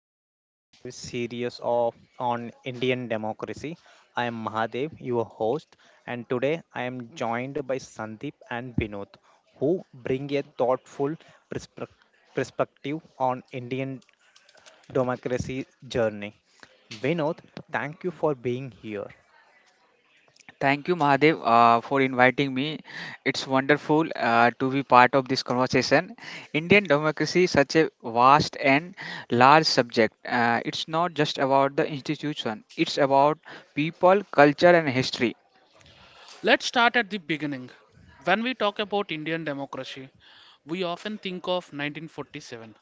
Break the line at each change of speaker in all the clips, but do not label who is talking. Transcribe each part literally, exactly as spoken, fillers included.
our deep dive series of on Indian democracy. I am Mahadev, your host, and today I am joined by Sandeep and Vinod, who bring a thoughtful perspec- perspective on Indian democracy journey. Vinod, thank you for being here.
Thank you, Mahadev, uh, for inviting me. It's wonderful uh, to be part of this conversation. Indian democracy is such a vast and large subject. Uh, it's not just about the institution, it's about people, culture, and history.
Let's start at the beginning. When we talk about Indian democracy, we often think of nineteen forty-seven,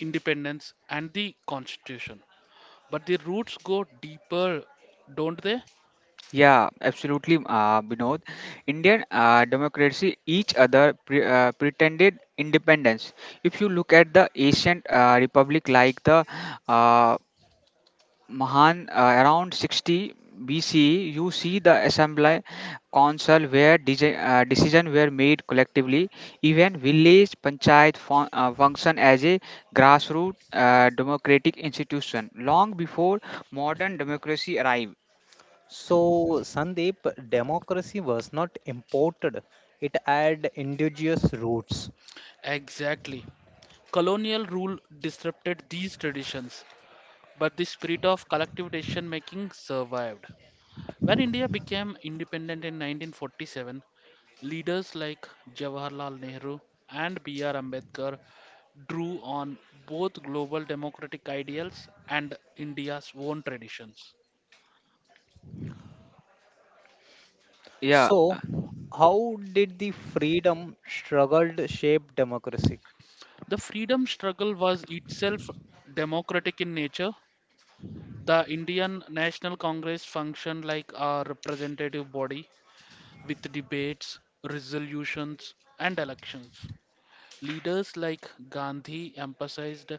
independence, and the constitution. But the roots go deeper, don't they?
Yeah, absolutely, uh, Binod. Indian uh, democracy, each other pre- uh, pretended independence. If you look at the ancient uh, republic like the uh, Mahan, uh, around sixty B C E, you see the assembly council where deci- uh, decisions were made collectively. Even village panchayat fun- uh, function as a grassroots uh, democratic institution long before modern democracy arrived.
So, Sandeep, democracy was not imported; it had indigenous roots.
Exactly. Colonial rule disrupted these traditions, but the spirit of collective decision making survived. When India became independent in nineteen forty-seven, leaders like Jawaharlal Nehru and B R. Ambedkar drew on both global democratic ideals and India's own traditions.
Yeah,
So, how did the freedom struggled shape democracy?
The freedom struggle was itself democratic in nature. The Indian National Congress functioned like a representative body with debates, resolutions, and elections. Leaders like Gandhi emphasized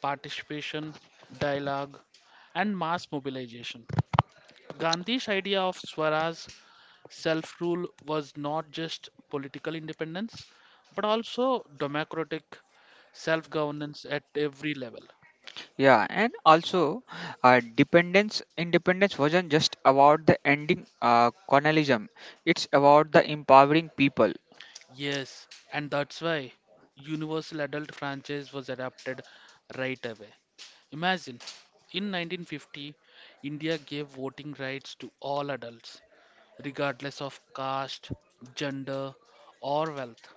participation, dialogue, and mass mobilization. Gandhi's idea of Swaraj self rule was not just political independence, but also democratic self governance at every level.
yeah, and also uh, dependence independence wasn't just about the ending uh, colonialism. It's about the empowering people.
Yes, and that's why Universal Adult franchise was adopted right away. Imagine, in nineteen fifty, India gave voting rights to all adults, regardless of caste, gender, or wealth.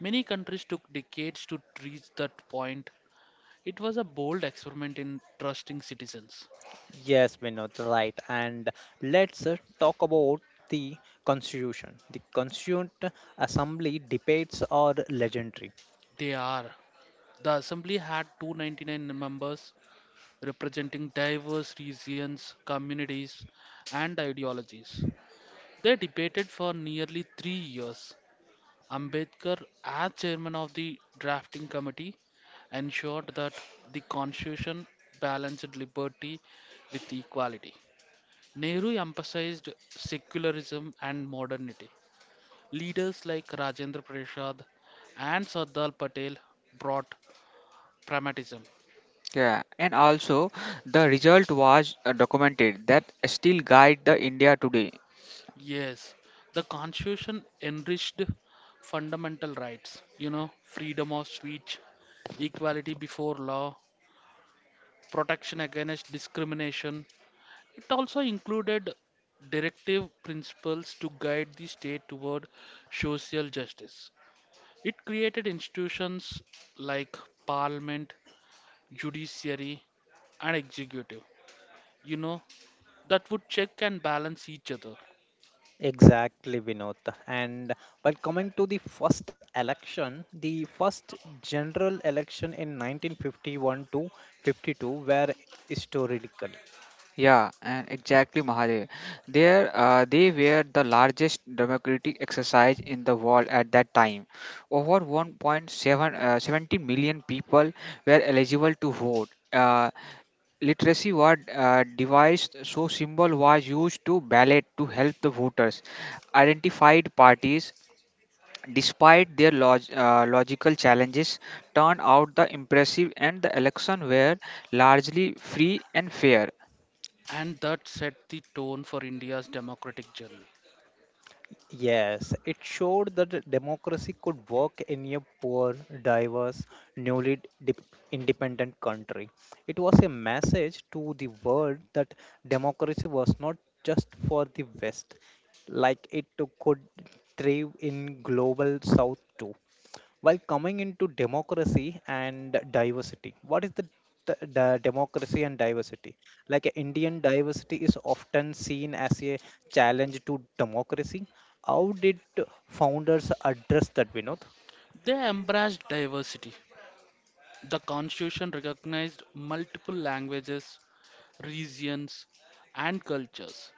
Many countries took decades to reach that point. It was a bold experiment in trusting citizens.
Yes, Vinod, right. And let's uh, talk about the constitution. The constituent assembly debates are legendary.
They are. The assembly had two hundred ninety-nine members representing diverse regions, communities, and ideologies. They debated for nearly three years, Ambedkar, as chairman of the drafting committee, ensured that the constitution balanced liberty with equality. Nehru emphasized secularism and modernity. Leaders like Rajendra Prasad and Sardar Patel brought pragmatism.
Yeah, and also the result was uh, documented that still guide the India today.
Yes, the constitution enriched fundamental rights, you know, freedom of speech, equality before law, protection against discrimination. It also included directive principles to guide the state toward social justice. It created institutions like parliament, judiciary, and executive, you know, that would check and balance each other.
Exactly, Vinod. And while coming to the first election, the first general election in nineteen fifty-one to fifty-two were historical.
Yeah, and exactly, Mahadev. There, uh, they were the largest democratic exercise in the world at that time. Over one point seven uh, seventy million people were eligible to vote. Uh, literacy was uh, devised so symbol was used to ballot to help the voters identified parties despite their log- uh, logical challenges, turned out the impressive and the election were largely free and fair.
And that set the tone for India's democratic journey.
Yes, it showed that the democracy could work in a poor, diverse, newly dip- independent country. It was a message to the world that democracy was not just for the West, like it could thrive in global South too. While coming into democracy and diversity, what is the, the, the democracy and diversity? Like uh, Indian diversity is often seen as a challenge to democracy. How did founders address that, Vinod?
They embraced diversity. The constitution recognized multiple languages, regions, and cultures.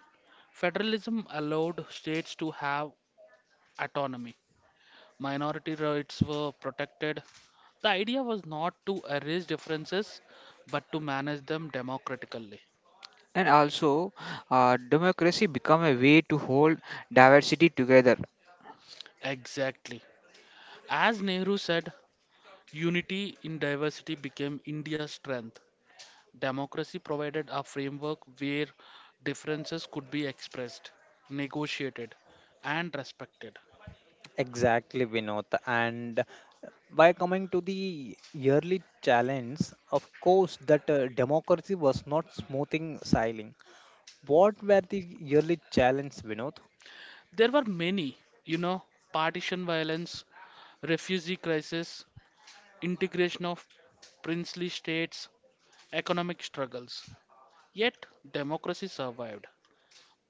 Federalism allowed states to have autonomy. Minority rights were protected. The idea was not to erase differences, but to manage them democratically.
And also, uh, democracy became a way to hold diversity together.
Exactly. As Nehru said, unity in diversity became India's strength. Democracy provided a framework where differences could be expressed, negotiated, and respected.
Exactly, Vinod. And by coming to the yearly challenge, of course, that uh, democracy was not smoothing sailing. What were the yearly challenge, Vinod?
There were many, you know, partition violence, refugee crisis, integration of princely states, economic struggles. Yet, democracy survived.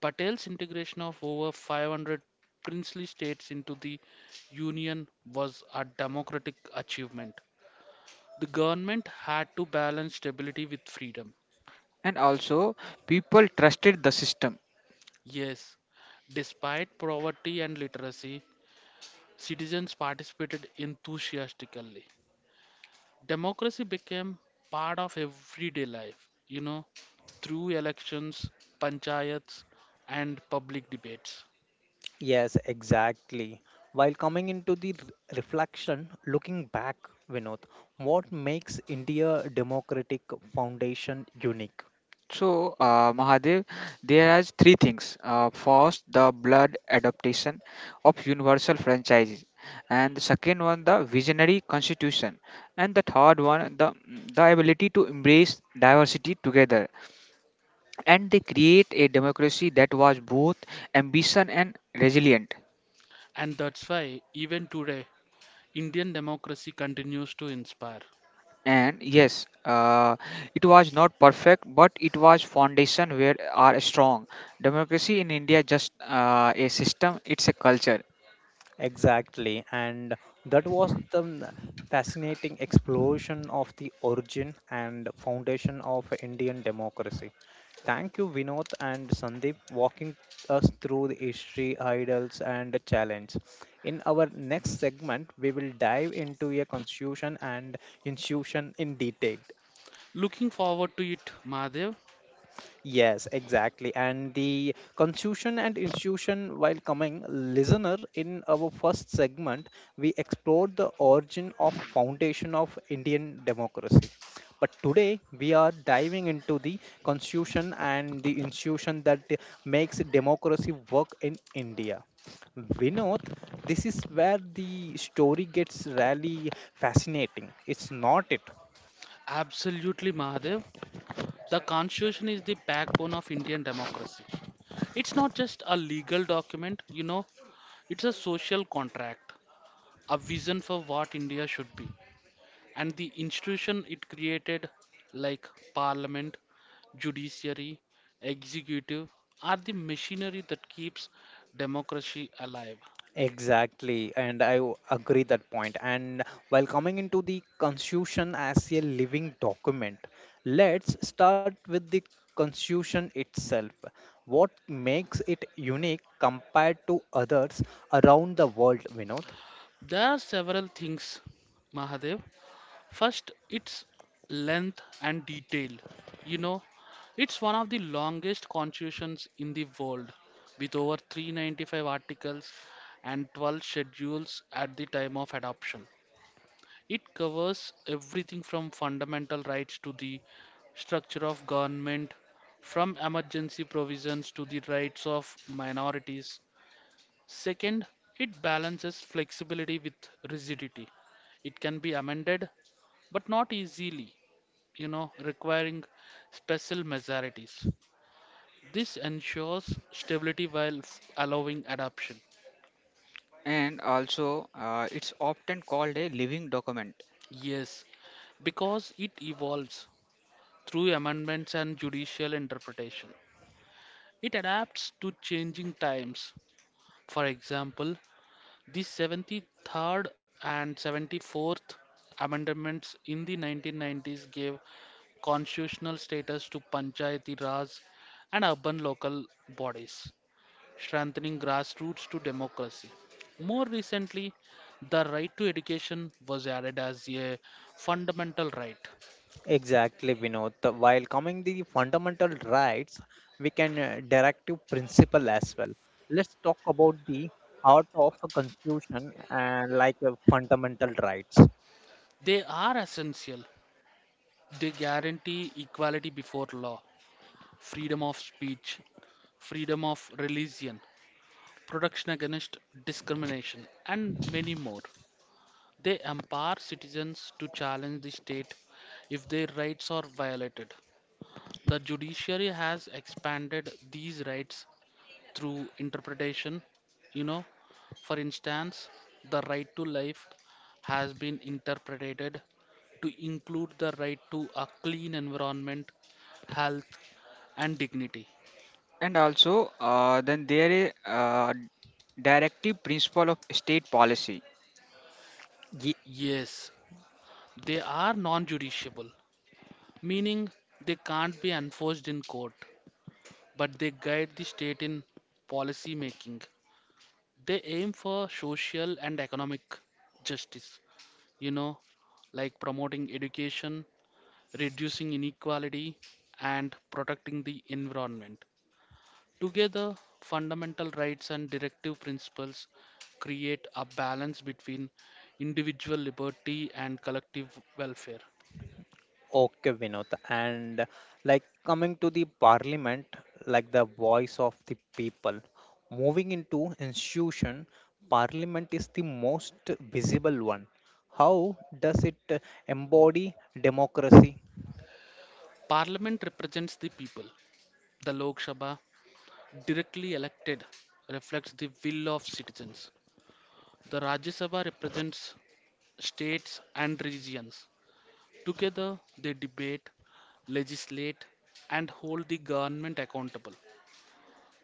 Patel's integration of over five hundred princely states into the Union was a democratic achievement. The government had to balance stability with freedom.
And also, people trusted the system.
Yes, despite poverty and literacy, citizens participated enthusiastically. Democracy became part of everyday life, you know, through elections, panchayats, and public debates.
Yes, exactly. While coming into the r- reflection, looking back, Vinod, what makes India democratic foundation unique?
So, uh, Mahadev, there are three things. Uh, first, the blood adaptation of universal franchises, and the second one, the visionary constitution, and the third one, the the ability to embrace diversity together, and they create a democracy that was both ambition and resilient.
And that's why, even today, Indian democracy continues to inspire.
And yes, uh, it was not perfect, but it was foundation where are strong. Democracy in India just uh, a system; it's a culture.
Exactly, and that was the n- fascinating explosion of the origin and foundation of Indian democracy. Thank you, Vinod and Sandeep, walking us through the history, ideals, and the challenge. In our next segment, we will dive into a constitution and institution in detail.
Looking forward to it, Mahadev.
Yes, exactly. And the constitution and institution, while coming, listener, in our first segment, we explored the origin of foundation of Indian democracy. But today we are diving into the constitution and the institution that makes democracy work in India. Vinod, this is where the story gets really fascinating. It's not it.
Absolutely, Mahadev. The constitution is the backbone of Indian democracy. It's not just a legal document, you know, it's a social contract, a vision for what India should be. And the institution it created, like parliament, judiciary, executive, are the machinery that keeps democracy alive.
Exactly, and I w- agree that point. And while coming into the Constitution as a living document, let's start with the Constitution itself. What makes it unique compared to others around the world, Vinod?
There are several things, Mahadev. First, its length and detail. You know, it's one of the longest constitutions in the world, with over three hundred ninety-five articles and twelve schedules at the time of adoption. It covers everything from fundamental rights to the structure of government, from emergency provisions to the rights of minorities. Second, it balances flexibility with rigidity. It can be amended, but not easily, you know, requiring special majorities. This ensures stability while f- allowing adoption.
And also, uh, it's often called a living document.
Yes, because it evolves through amendments and judicial interpretation. It adapts to changing times. For example, the seventy-third and seventy-fourth amendments in the nineteen nineties gave constitutional status to Panchayati Raj and urban local bodies, strengthening grassroots to democracy. More recently, the right to education was added as a fundamental right.
Exactly, Vinod. The- While coming the fundamental rights, we can uh, directive principle as well. Let's talk about the heart of a constitution and like a fundamental rights.
They are essential. They guarantee equality before law, freedom of speech, freedom of religion, protection against discrimination, and many more. They empower citizens to challenge the state if their rights are violated. The judiciary has expanded these rights through interpretation. You know, for instance, the right to life has been interpreted to include the right to a clean environment, health, and dignity.
And also, uh, then there is uh, directive principle of state policy.
Yes, they are non judiciable, meaning they can't be enforced in court, but they guide the state in policy making. They aim for social and economic justice, you know, like promoting education, reducing inequality, and protecting the environment. Together, fundamental rights and directive principles create a balance between individual liberty and collective welfare.
Okay, Vinod. And like coming to the parliament, like the voice of the people, moving into institution, parliament is the most visible one. How does it uh, embody democracy?
Parliament represents the people. The Lok Sabha, directly elected, reflects the will of citizens. The Rajya Sabha represents states and regions. Together, they debate, legislate, and hold the government accountable.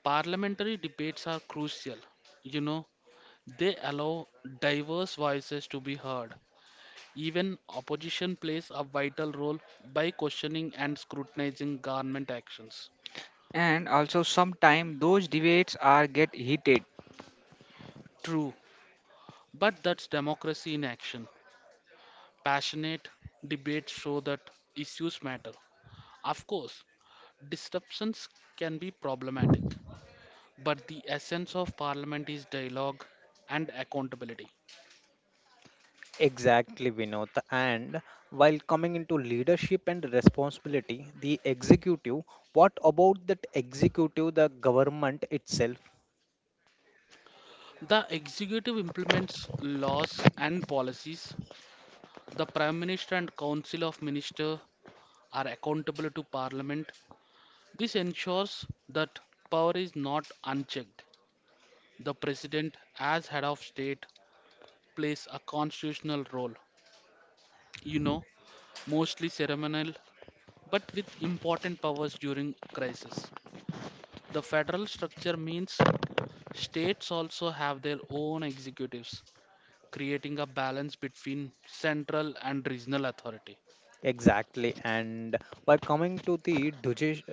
Parliamentary debates are crucial. You know, they allow diverse voices to be heard. Even opposition plays a vital role by questioning and scrutinizing government actions.
And also sometimes those debates are get heated.
True, but that's democracy in action. Passionate debates show that issues matter. Of course, disruptions can be problematic, but the essence of parliament is dialogue and accountability.
Exactly, Vinod. And while coming into leadership and responsibility, the executive, what about that executive, the government itself?
The executive implements laws and policies. The prime minister and council of ministers are accountable to parliament. This ensures that power is not unchecked. The president, as head of state, plays a constitutional role, you know, mostly ceremonial, but with important powers during crisis. The federal structure means states also have their own executives, creating a balance between central and regional authority.
Exactly. And while coming to the judici-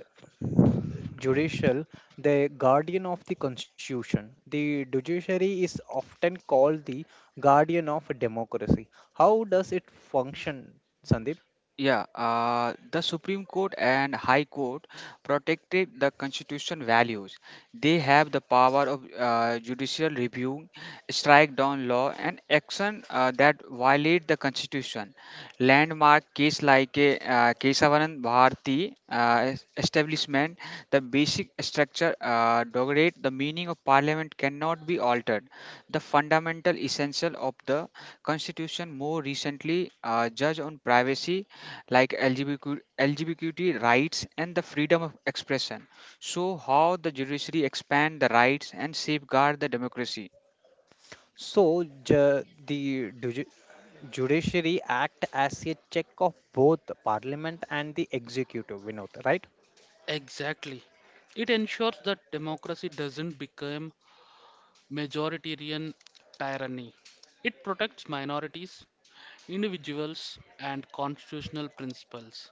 judicial, the guardian of the constitution. The judiciary is often called the guardian of democracy. How does it function, Sandeep?
Yeah, uh, the Supreme Court and High Court protected the constitution values. They have the power of uh, judicial review, strike down law, and action uh, that violate the constitution. Landmark case like uh, Kesavanan Bharti uh, es- establishment, the basic structure uh, degrade the meaning of parliament cannot be altered. The fundamental essential of the constitution more recently uh, judge on privacy like L G B T Q, rights and the freedom of expression. So, how the judiciary expand the rights and safeguard the democracy?
So, ju- the judici- judiciary act as a check of both the parliament and the executive, Vinod, right?
Exactly. It ensures that democracy doesn't become majoritarian tyranny. It protects minorities, individuals, and constitutional principles.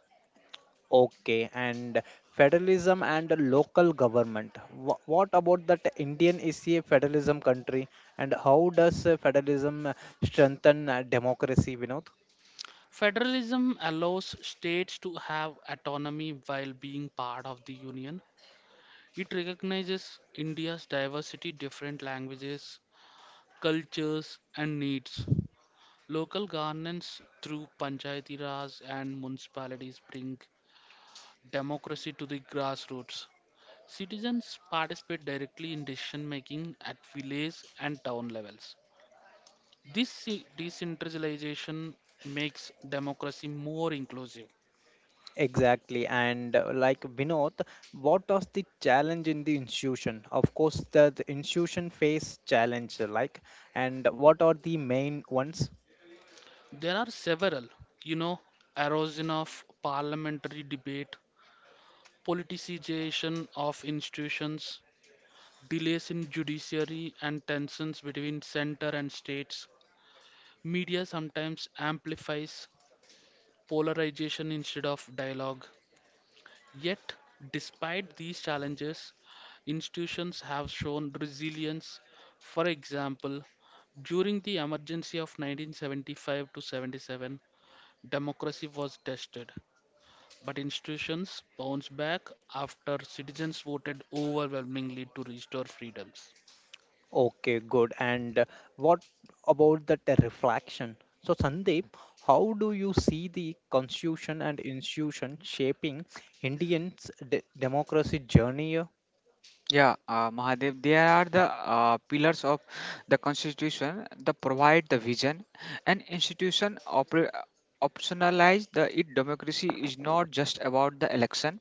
Okay, and federalism and local government. Wh- What about that Indian is a federalism country, and how does uh, federalism uh, strengthen uh, democracy, Vinod?
Federalism allows states to have autonomy while being part of the union. It recognizes India's diversity, different languages, cultures, and needs. Local governance through panchayati raj and municipalities bring democracy to the grassroots. Citizens participate directly in decision making at village and town levels. This ce- decentralization makes democracy more inclusive.
Exactly, and uh, like Vinod, what was the challenge in the institution? Of course, the, the, institution face challenge, like, and what are the main ones?
There are several, you know, erosion of parliamentary debate, politicization of institutions, delays in judiciary, and tensions between center and states. Media sometimes amplifies polarization instead of dialogue. Yet, despite these challenges, institutions have shown resilience. For example, during the emergency of nineteen seventy-five to seventy-seven, democracy was tested. But institutions bounced back after citizens voted overwhelmingly to restore freedoms.
Okay, good. And uh, what about that uh, reflection? So, Sandeep, how do you see the constitution and institution shaping Indians' de democracy journey?
Yeah, uh, Mahadev, they are the uh, pillars of the constitution that provide the vision, and institution oper- optionalize the it. Democracy is not just about the election,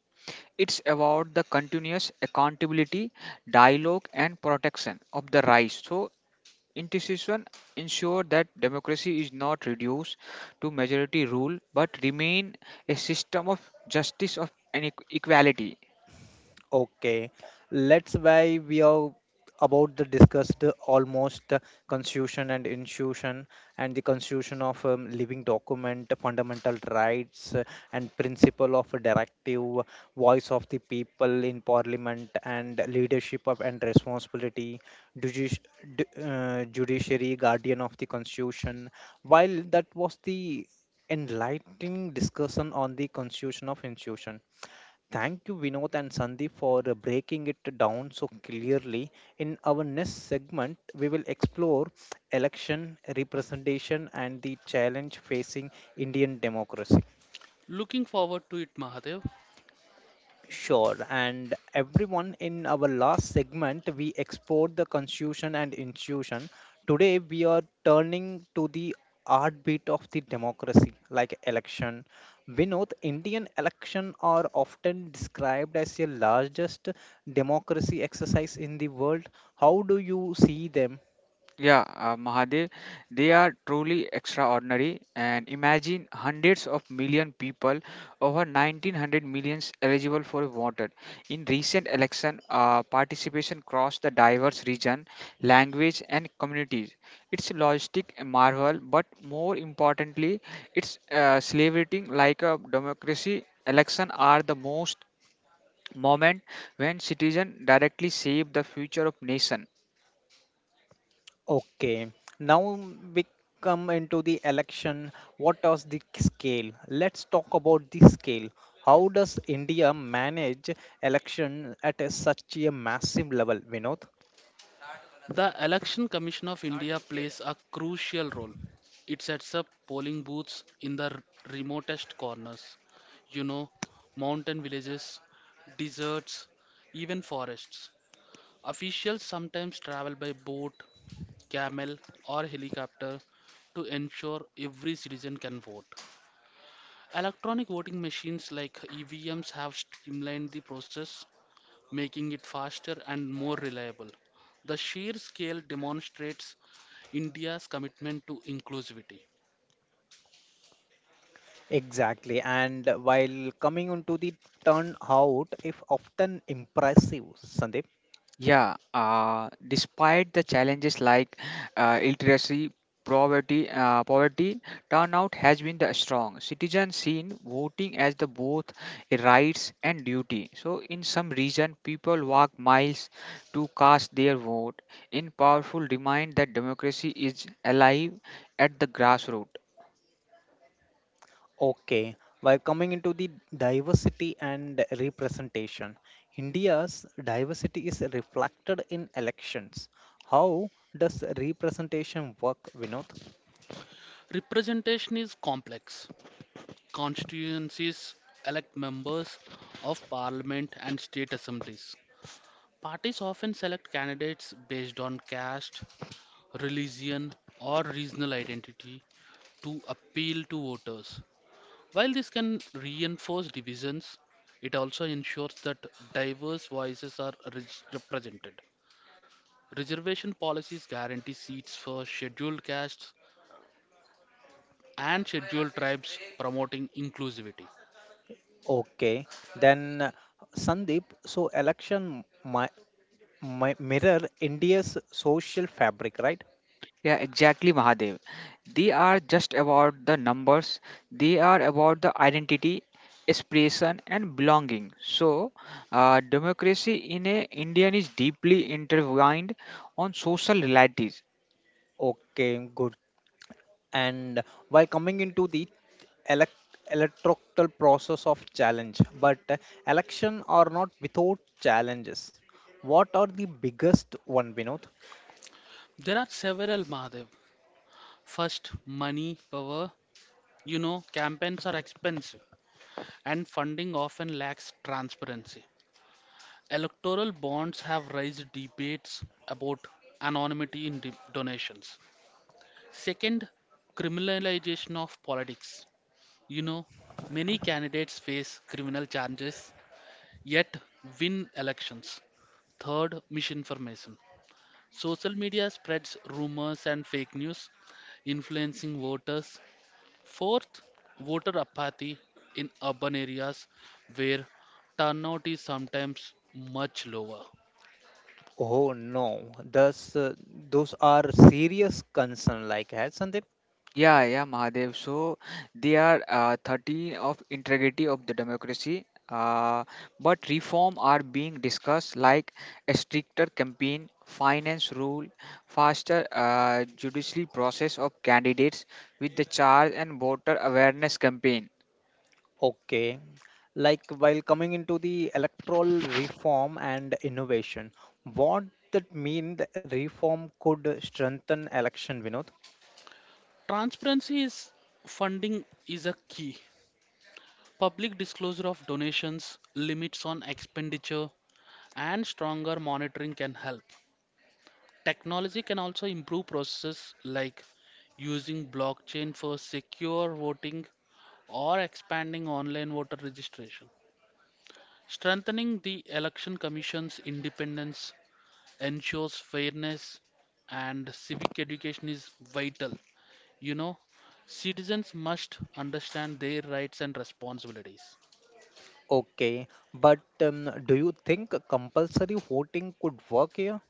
it's about the continuous accountability, dialogue, and protection of the rights. So institutions ensure that democracy is not reduced to majority rule but remain a system of justice of and equ- equality.
Okay, let's why we are about the discussed almost uh, constitution and institution and the constitution of um, living document, fundamental rights uh, and principle of a directive, voice of the people in parliament and leadership of and responsibility, judici- d- uh, judiciary, guardian of the constitution. While that was the enlightening discussion on the constitution of institution. Thank you, Vinod and Sandeep, for uh, breaking it down so clearly. In our next segment, we will explore election representation and the challenge facing Indian democracy.
Looking forward to it, Mahadev.
Sure. And everyone, in our last segment, we explored the constitution and institution. Today, we are turning to the heartbeat of the democracy, like election. We know the Indian election are often described as the largest democracy exercise in the world. How do you see them?
Yeah, uh, Mahadev, they are truly extraordinary. And imagine hundreds of million people, over nineteen hundred millions eligible for voter. In recent election, uh, participation crossed the diverse region, language, and communities. It's logistic marvel, but more importantly, it's uh, celebrating like a democracy. Election are the most moment when citizens directly shape the future of nation.
Okay, now we come into the election. What does the scale? Let's talk about the scale. How does India manage election at a, such a massive level, Vinod?
The Election Commission of India plays a crucial role. It sets up polling booths in the r- remotest corners, you know, mountain villages, deserts, even forests. Officials sometimes travel by boat, camel, or helicopter to ensure every citizen can vote. Electronic voting machines like E V Ms have streamlined the process, making it faster and more reliable. The sheer scale demonstrates India's commitment to inclusivity.
Exactly, and while coming onto the turnout, if often impressive, Sandeep.
Yeah, uh, despite the challenges like uh, illiteracy, poverty, uh, poverty, turnout has been the strong. Citizens seen voting as the both a rights and duty. So in some region, people walk miles to cast their vote. In powerful remind that democracy is alive at the grassroots.
Okay, while coming into the diversity and representation, India's diversity is reflected in elections. How does representation work, Vinod?
Representation is complex. Constituencies elect members of parliament and state assemblies. Parties often select candidates based on caste, religion, or regional identity to appeal to voters. While this can reinforce divisions, it also ensures that diverse voices are re- represented. Reservation policies guarantee seats for scheduled castes and scheduled tribes, promoting inclusivity.
Okay, then uh, Sandeep, so election mi- mi- mirror India's social fabric, right?
Yeah, exactly, Mahadev. They are just about the numbers, they are about the identity, expression, and belonging. So, uh, democracy in a Indian is deeply intertwined on social realities.
Okay, good, and while coming into the elec electoral process of challenge, but uh, election are not without challenges. What are the biggest one, Vinod?
There are several, Mahadev. First, money, power. You know, campaigns are expensive and funding often lacks transparency. Electoral bonds have raised debates about anonymity in de- donations. Second, criminalization of politics. You know, many candidates face criminal charges yet win elections. Third, misinformation. Social media spreads rumors and fake news, influencing voters. Fourth, voter apathy in urban areas where turnout is sometimes much lower.
Oh no, those uh, those are serious concern, like, has Sandeep.
Yeah, yeah, Mahadev. So they are uh, thirteen of integrity of the democracy. Uh, but reform are being discussed like a stricter campaign finance rule, faster uh, judiciary process of candidates with the charge and voter awareness campaign.
Okay, like while coming into the electoral reform and innovation, what that mean the reform could strengthen election, Vinod?
Transparency is funding is a key. Public disclosure of donations, limits on expenditure, and stronger monitoring can help. Technology can also improve processes like using blockchain for secure voting or expanding online voter registration. Strengthening the Election Commission's independence ensures fairness and civic education is vital. You know, citizens must understand their rights and responsibilities.
Okay, but um, do you think compulsory voting could work here?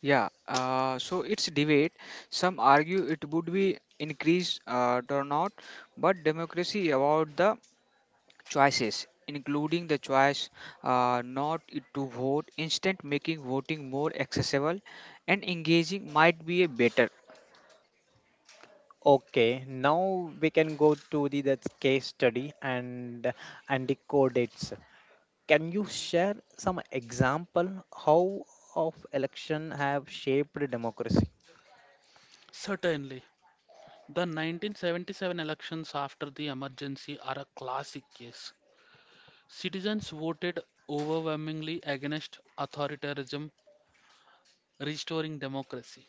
Yeah, uh, so it's debate. Some argue it would be increased uh, turnout, but democracy about the choices, including the choice uh, not to vote, instant making voting more accessible and engaging might be a better.
Okay, now we can go to the that case study and and decode it. Can you share some example how of election have shaped democracy?
Certainly, the nineteen seventy-seven elections after the emergency are a classic case. Citizens voted overwhelmingly against authoritarianism, restoring democracy.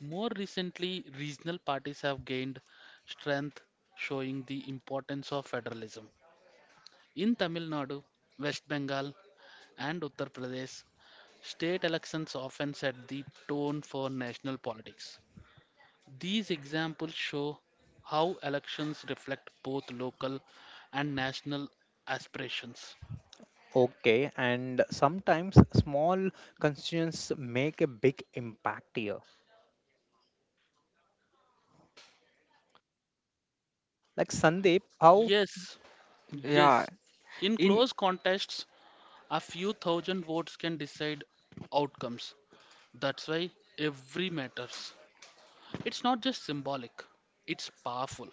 More recently, regional parties have gained strength, showing the importance of federalism. In Tamil Nadu, West Bengal, and Uttar Pradesh, state elections often set the tone for national politics. These examples show how elections reflect both local and national aspirations.
Okay, and sometimes small constituents make a big impact here. Like Sandeep, how?
Yes, yes.
Yeah,
In close
in.
contests, a few thousand votes can decide outcomes. That's why every matters. It's not just symbolic, it's powerful.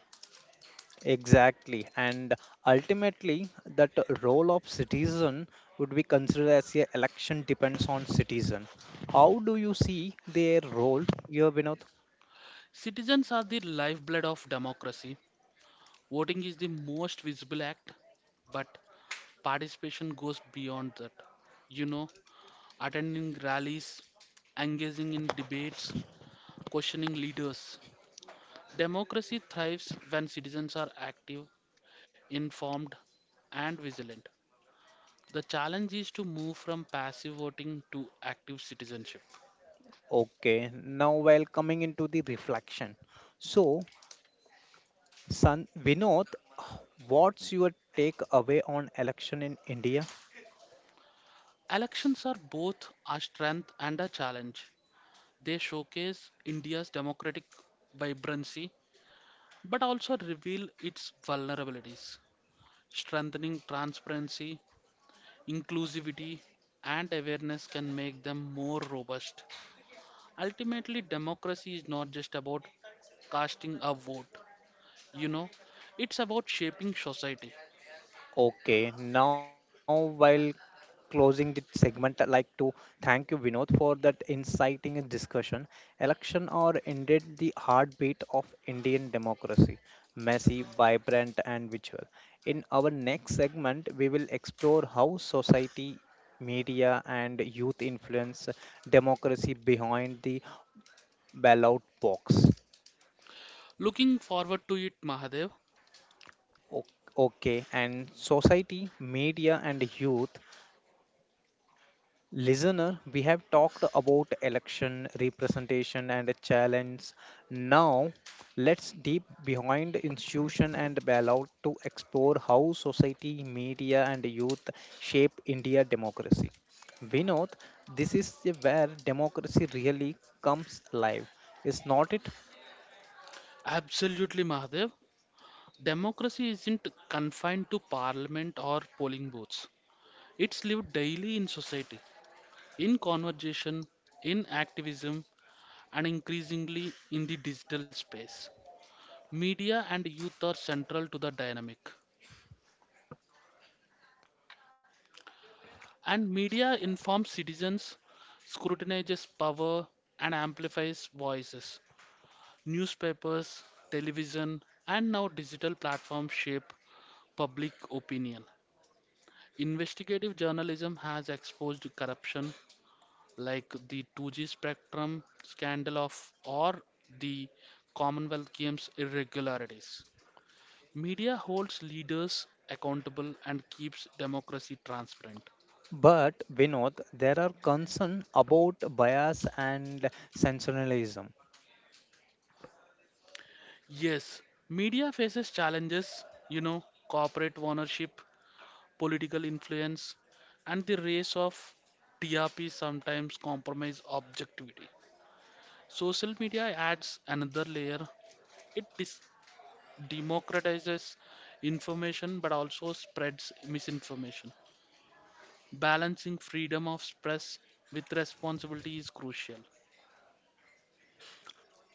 Exactly. And ultimately, that role of citizen would be considered as a election depends on citizen. How do you see their role here, Vinod?
Citizens are the lifeblood of democracy. Voting is the most visible act, but participation goes beyond that. You know, attending rallies, engaging in debates, questioning leaders. Democracy thrives when citizens are active, informed, and vigilant. The challenge is to move from passive voting to active citizenship.
Okay, now while coming into the reflection. So, San Vinod, what's your take away on election in India?
Elections are both a strength and a challenge. They showcase India's democratic vibrancy but also reveal its vulnerabilities. Strengthening transparency, inclusivity, and awareness can make them more robust. Ultimately, democracy is not just about casting a vote, you know, it's about shaping society.
Okay, now while closing the segment, I'd like to thank you, Vinod, for that inciting discussion. Election are indeed the heartbeat of Indian democracy, messy, vibrant, and visual. In our next segment, we will explore how society, media, and youth influence democracy behind the ballot box.
Looking forward to it, Mahadev.
O- Okay, and society, media, and youth. Listener, we have talked about election representation and challenge. Now, let's deep behind institution and bailout to explore how society, media, and youth shape India democracy. Vinod, this is where democracy really comes alive, is not it?
Absolutely, Mahadev. Democracy isn't confined to parliament or polling booths. It's lived daily in society, in conversation, in activism, and increasingly in the digital space. Media and youth are central to the dynamic. And media informs citizens, scrutinizes power, and amplifies voices. Newspapers, television, and now digital platforms shape public opinion. Investigative journalism has exposed corruption like the two G spectrum scandal of or the Commonwealth Games irregularities. Media holds leaders accountable and keeps democracy transparent.
But Vinod, there are concerns about bias and sensationalism.
Yes, media faces challenges, you know, corporate ownership, political influence, and the race of T R P sometimes compromise objectivity. Social media adds another layer. It dis- democratizes information but also spreads misinformation. Balancing freedom of press with responsibility is crucial.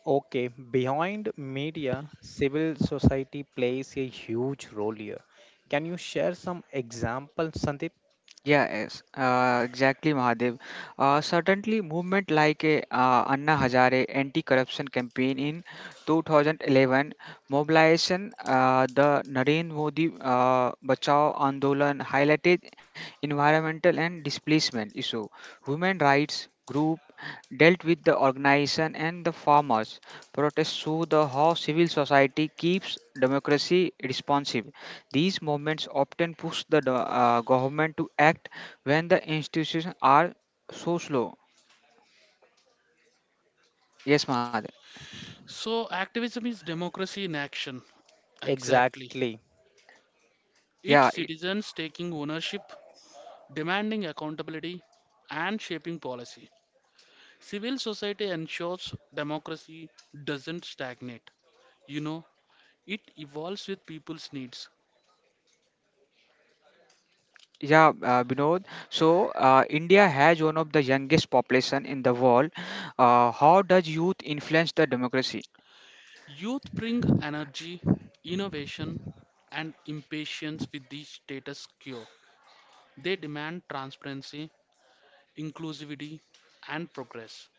Okay, behind media, civil society plays a huge role here. Can you share some examples, Sandeep?
Yeah, yes, uh, exactly, Mahadev. Uh, certainly, movement like uh, Anna Hazare anti-corruption campaign in two thousand eleven, mobilization, uh, the Narendra Modi uh, Bachao Andolan highlighted environmental and displacement issue. Women rights group dealt with the organization and the farmers. Protests show the how civil society keeps democracy responsive. These movements often push the do- uh, government to act when the institutions are so slow. Yes, Mahad.
So, activism is democracy in action. Exactly.
Exactly.
It's
Yeah, it-
citizens taking ownership demanding accountability, and shaping policy. Civil society ensures democracy doesn't stagnate. You know, it evolves with people's needs.
yeah, uh, Binod. So, uh, India has one of the youngest population in the world. Uh, how does youth influence the democracy?
Youth bring energy, innovation, and impatience with the status quo. They demand transparency, inclusivity, and progress.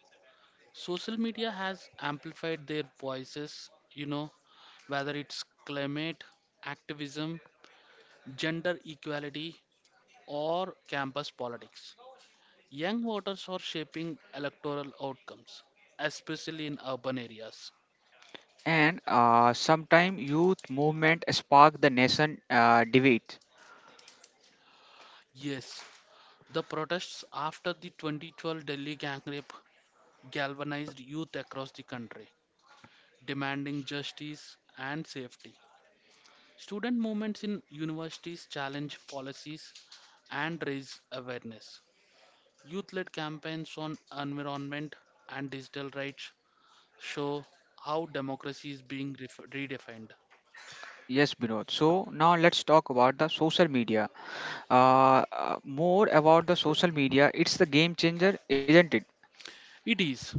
Social media has amplified their voices, you know, whether it's climate activism, gender equality, or campus politics. Young voters are shaping electoral outcomes, especially in urban areas.
And uh, sometime youth movement spark the nation uh, debate.
Yes, the protests after the twenty twelve Delhi gang rape galvanized youth across the country, demanding justice and safety. Student movements in universities challenge policies and raise awareness. Youth led campaigns on environment and digital rights show how democracy is being ref- redefined.
Yes, Binod. So now let's talk about the social media. Uh, uh, more about the social media. It's the game changer, isn't it?
It is.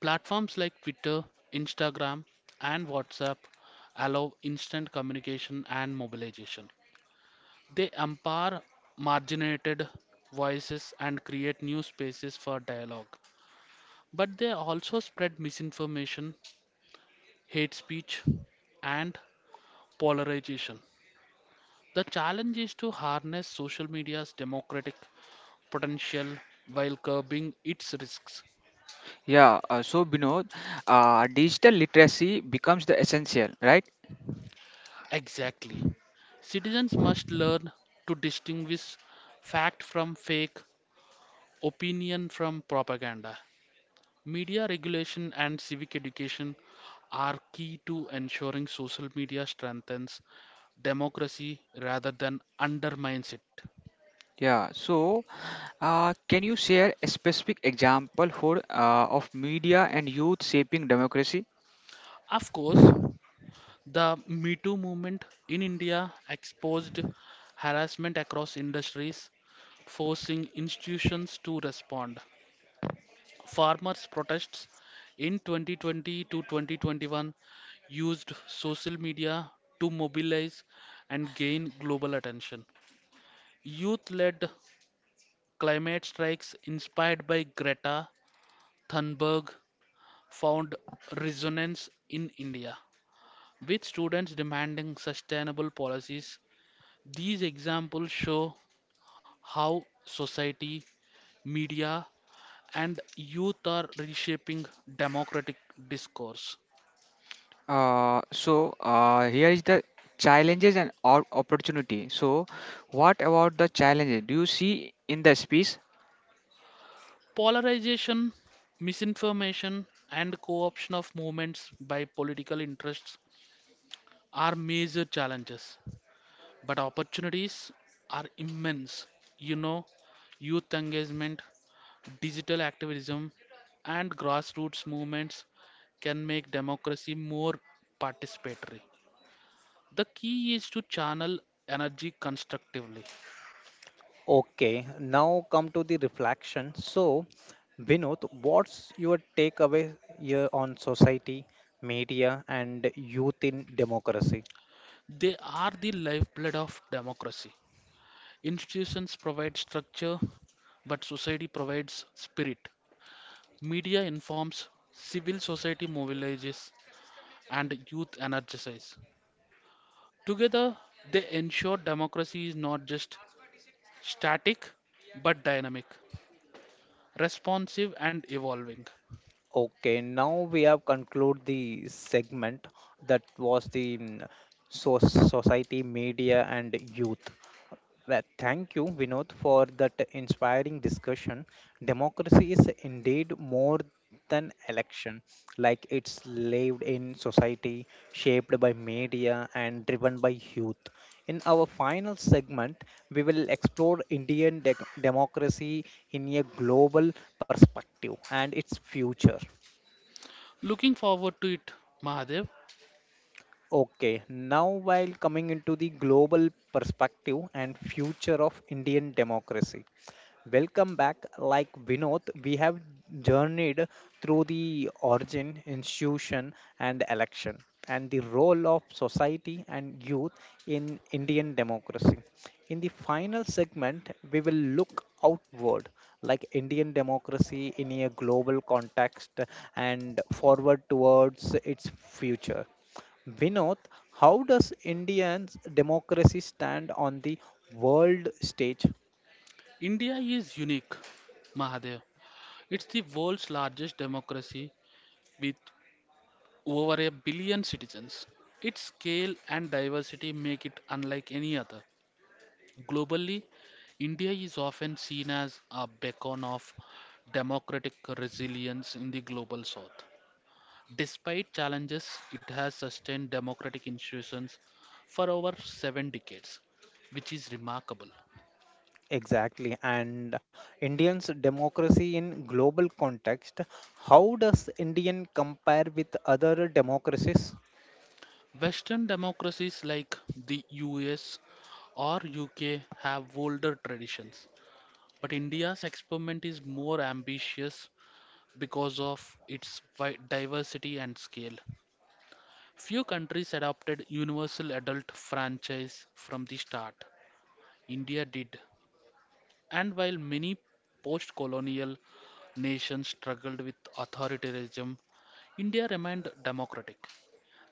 Platforms like Twitter, Instagram, and WhatsApp allow instant communication and mobilization. They empower marginalized voices and create new spaces for dialogue. But they also spread misinformation, hate speech, and polarization. The challenge is to harness social media's democratic potential while curbing its risks.
Yeah, uh, so Binod, uh, digital literacy becomes the essential, right?
Exactly. Citizens must learn to distinguish fact from fake, opinion from propaganda. Media regulation and civic education are key to ensuring social media strengthens democracy rather than undermines it.
Yeah, so uh, can you share a specific example for uh, of media and youth shaping democracy?
Of course, the Me Too movement in India exposed harassment across industries, forcing institutions to respond. Farmers' protests in twenty twenty to twenty twenty-one used social media to mobilize and gain global attention. Youth led climate strikes inspired by Greta Thunberg found resonance in India, with students demanding sustainable policies. These examples show how society, media, and youth are reshaping democratic discourse.
Uh, so uh, here is the challenges and op- opportunity. So what about the challenges do you see in the space?
Polarization, misinformation, and co option of movements by political interests are major challenges, but opportunities are immense. You know, youth engagement, digital activism, and grassroots movements can make democracy more participatory. The key is to channel energy constructively.
Okay, now come to the reflection. So, Vinod, what's your takeaway here on society, media, and youth in democracy?
They are the lifeblood of democracy. Institutions provide structure, but society provides spirit. Media informs, civil society mobilizes, and youth energizes. Together, they ensure democracy is not just static but dynamic, responsive, and evolving.
Okay, now we have concluded the segment that was the mm, so society, media, and youth. Well, thank you, Vinod, for that inspiring discussion. Democracy is indeed more than election, like it's lived in society, shaped by media, and driven by youth. In our final segment, we will explore Indian dec democracy in a global perspective and its future.
Looking forward to it, Mahadev.
Okay, now while coming into the global perspective and future of Indian democracy. Welcome back. Like Vinod, we have journeyed through the origin, institution, and election, and the role of society and youth in Indian democracy. In the final segment, we will look outward, like Indian democracy in a global context and forward towards its future. Vinod, how does Indian democracy stand on the world stage?
India is unique, Mahadev. It's the world's largest democracy with over a billion citizens. Its scale and diversity make it unlike any other. Globally, India is often seen as a beacon of democratic resilience in the global south. Despite challenges, it has sustained democratic institutions for over seven decades, which is remarkable.
Exactly. And Indians' democracy in global context, how does Indian compare with other democracies?
Western democracies like the U S or U K have older traditions, but India's experiment is more ambitious because of its wide diversity and scale. Few countries adopted universal adult franchise from the start. India did, and while many post colonial nations struggled with authoritarianism, India remained democratic,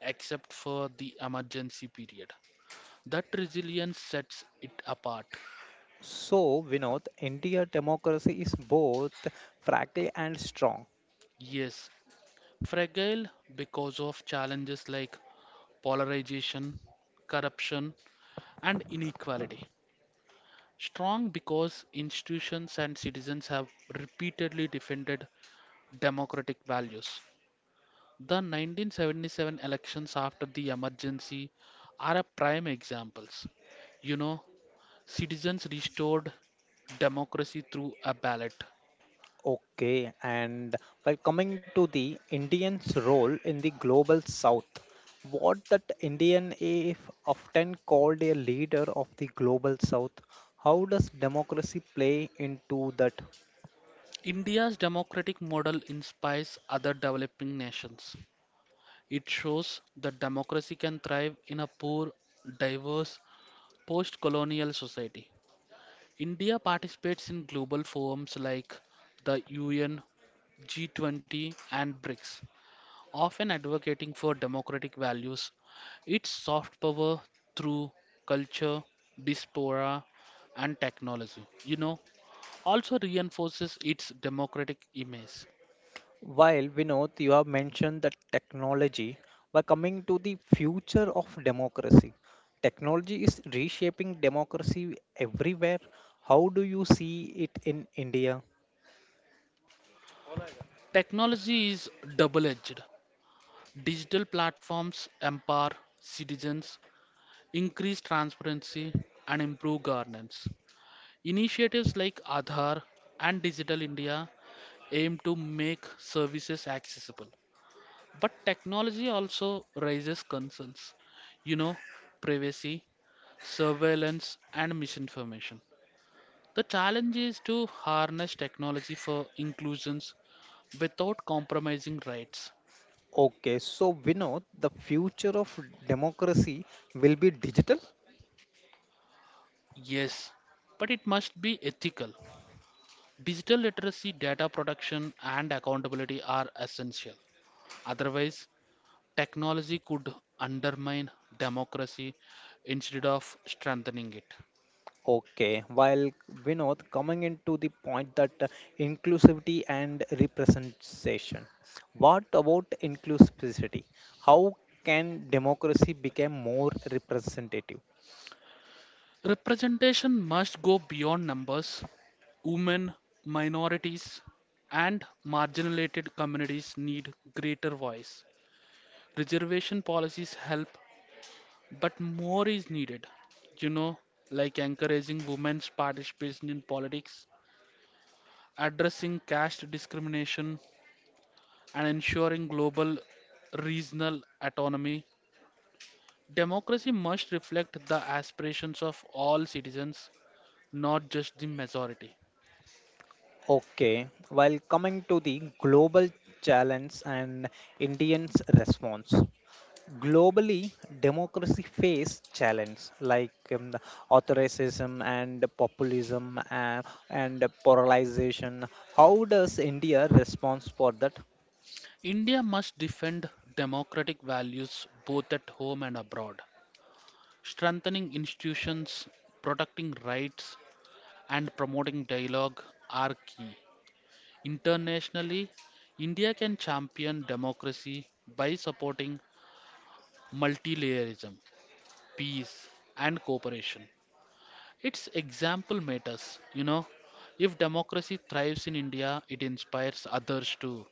except for the emergency period. That resilience sets it apart.
So, Vinod, India democracy is both fragile and strong.
Yes, fragile because of challenges like polarization, corruption, and inequality. Strong because institutions and citizens have repeatedly defended democratic values. The nineteen seventy-seven elections after the emergency are a prime examples. You know, citizens restored democracy through a ballot.
Okay, and while coming to the Indians' role in the global south, what that Indian is often called a leader of the global south, how does democracy play into that?
India's democratic model inspires other developing nations. It shows that democracy can thrive in a poor, diverse, post colonial society. India participates in global forums like the U N, G twenty, and BRICS, often advocating for democratic values. Its soft power through culture, diaspora, and technology, you know, also reinforces its democratic image.
While Vinod, you have mentioned the technology, we're coming to the future of democracy. Technology is reshaping democracy everywhere. How do you see it in India?
Technology is double edged. Digital platforms empower citizens, increase transparency, and improve governance. Initiatives like Aadhaar and Digital India aim to make services accessible. But technology also raises concerns, you know, privacy, surveillance, and misinformation. The challenge is to harness technology for inclusions without compromising rights.
Okay, so Vinod, the future of democracy will be digital.
Yes, but it must be ethical. Digital literacy, data protection, and accountability are essential. Otherwise, technology could undermine democracy instead of strengthening it.
Okay, while Vinod coming into the point that uh, inclusivity and representation. What about inclusivity? How can democracy become more representative?
Representation must go beyond numbers. Women, minorities, and marginalized communities need greater voice. Reservation policies help, but more is needed. You know, like encouraging women's participation in politics, addressing caste discrimination, and ensuring global regional autonomy. Democracy must reflect the aspirations of all citizens, not just the majority.
Okay, while coming to the global challenge and Indians' response. Globally, democracy face challenges like um, the authoritarianism and populism uh, and polarization. How does India respond for that?
India must defend democratic values both at home and abroad. Strengthening institutions, protecting rights, and promoting dialogue are key. Internationally, India can champion democracy by supporting multilayerism, peace, and cooperation. Its example matters, you know. If democracy thrives in India, it inspires others too.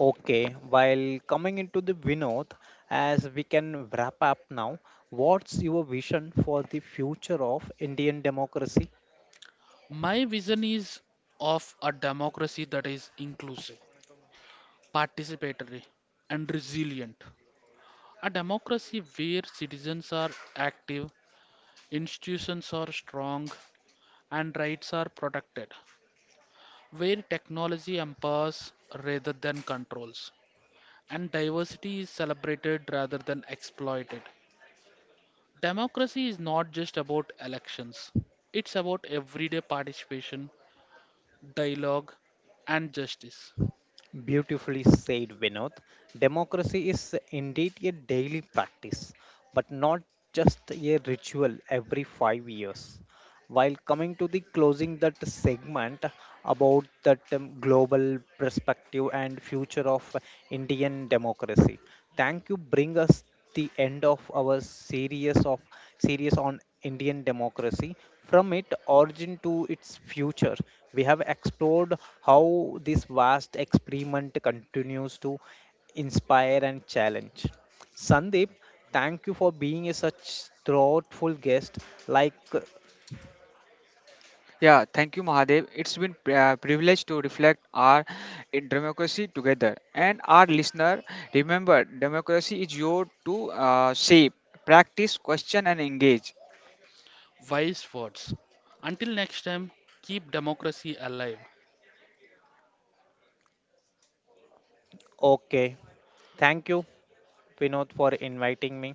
Okay, while coming into the Vinod, as we can wrap up now, what's your vision for the future of Indian democracy?
My vision is of a democracy that is inclusive, participatory, and resilient. A democracy where citizens are active, institutions are strong, and rights are protected, where technology empowers rather than controls, and diversity is celebrated rather than exploited. Democracy is not just about elections, it's about everyday participation, dialogue, and justice.
Beautifully said, Vinod. Democracy is indeed a daily practice, but not just a ritual every five years. While coming to the closing that segment about that um, global perspective and future of Indian democracy, thank you, bring us the end of our series of series on Indian democracy. From its origin to its future, we have explored how this vast experiment continues to inspire and challenge. Sandeep, thank you for being a such thoughtful guest, like uh,
Yeah, thank you, Mahadev. It's been pri- uh, privilege to reflect our in democracy together. And our listener, remember, democracy is your to uh, shape, practice, question, and engage.
Wise words. Until next time, keep democracy alive.
okay. Thank you, Vinod, for inviting me.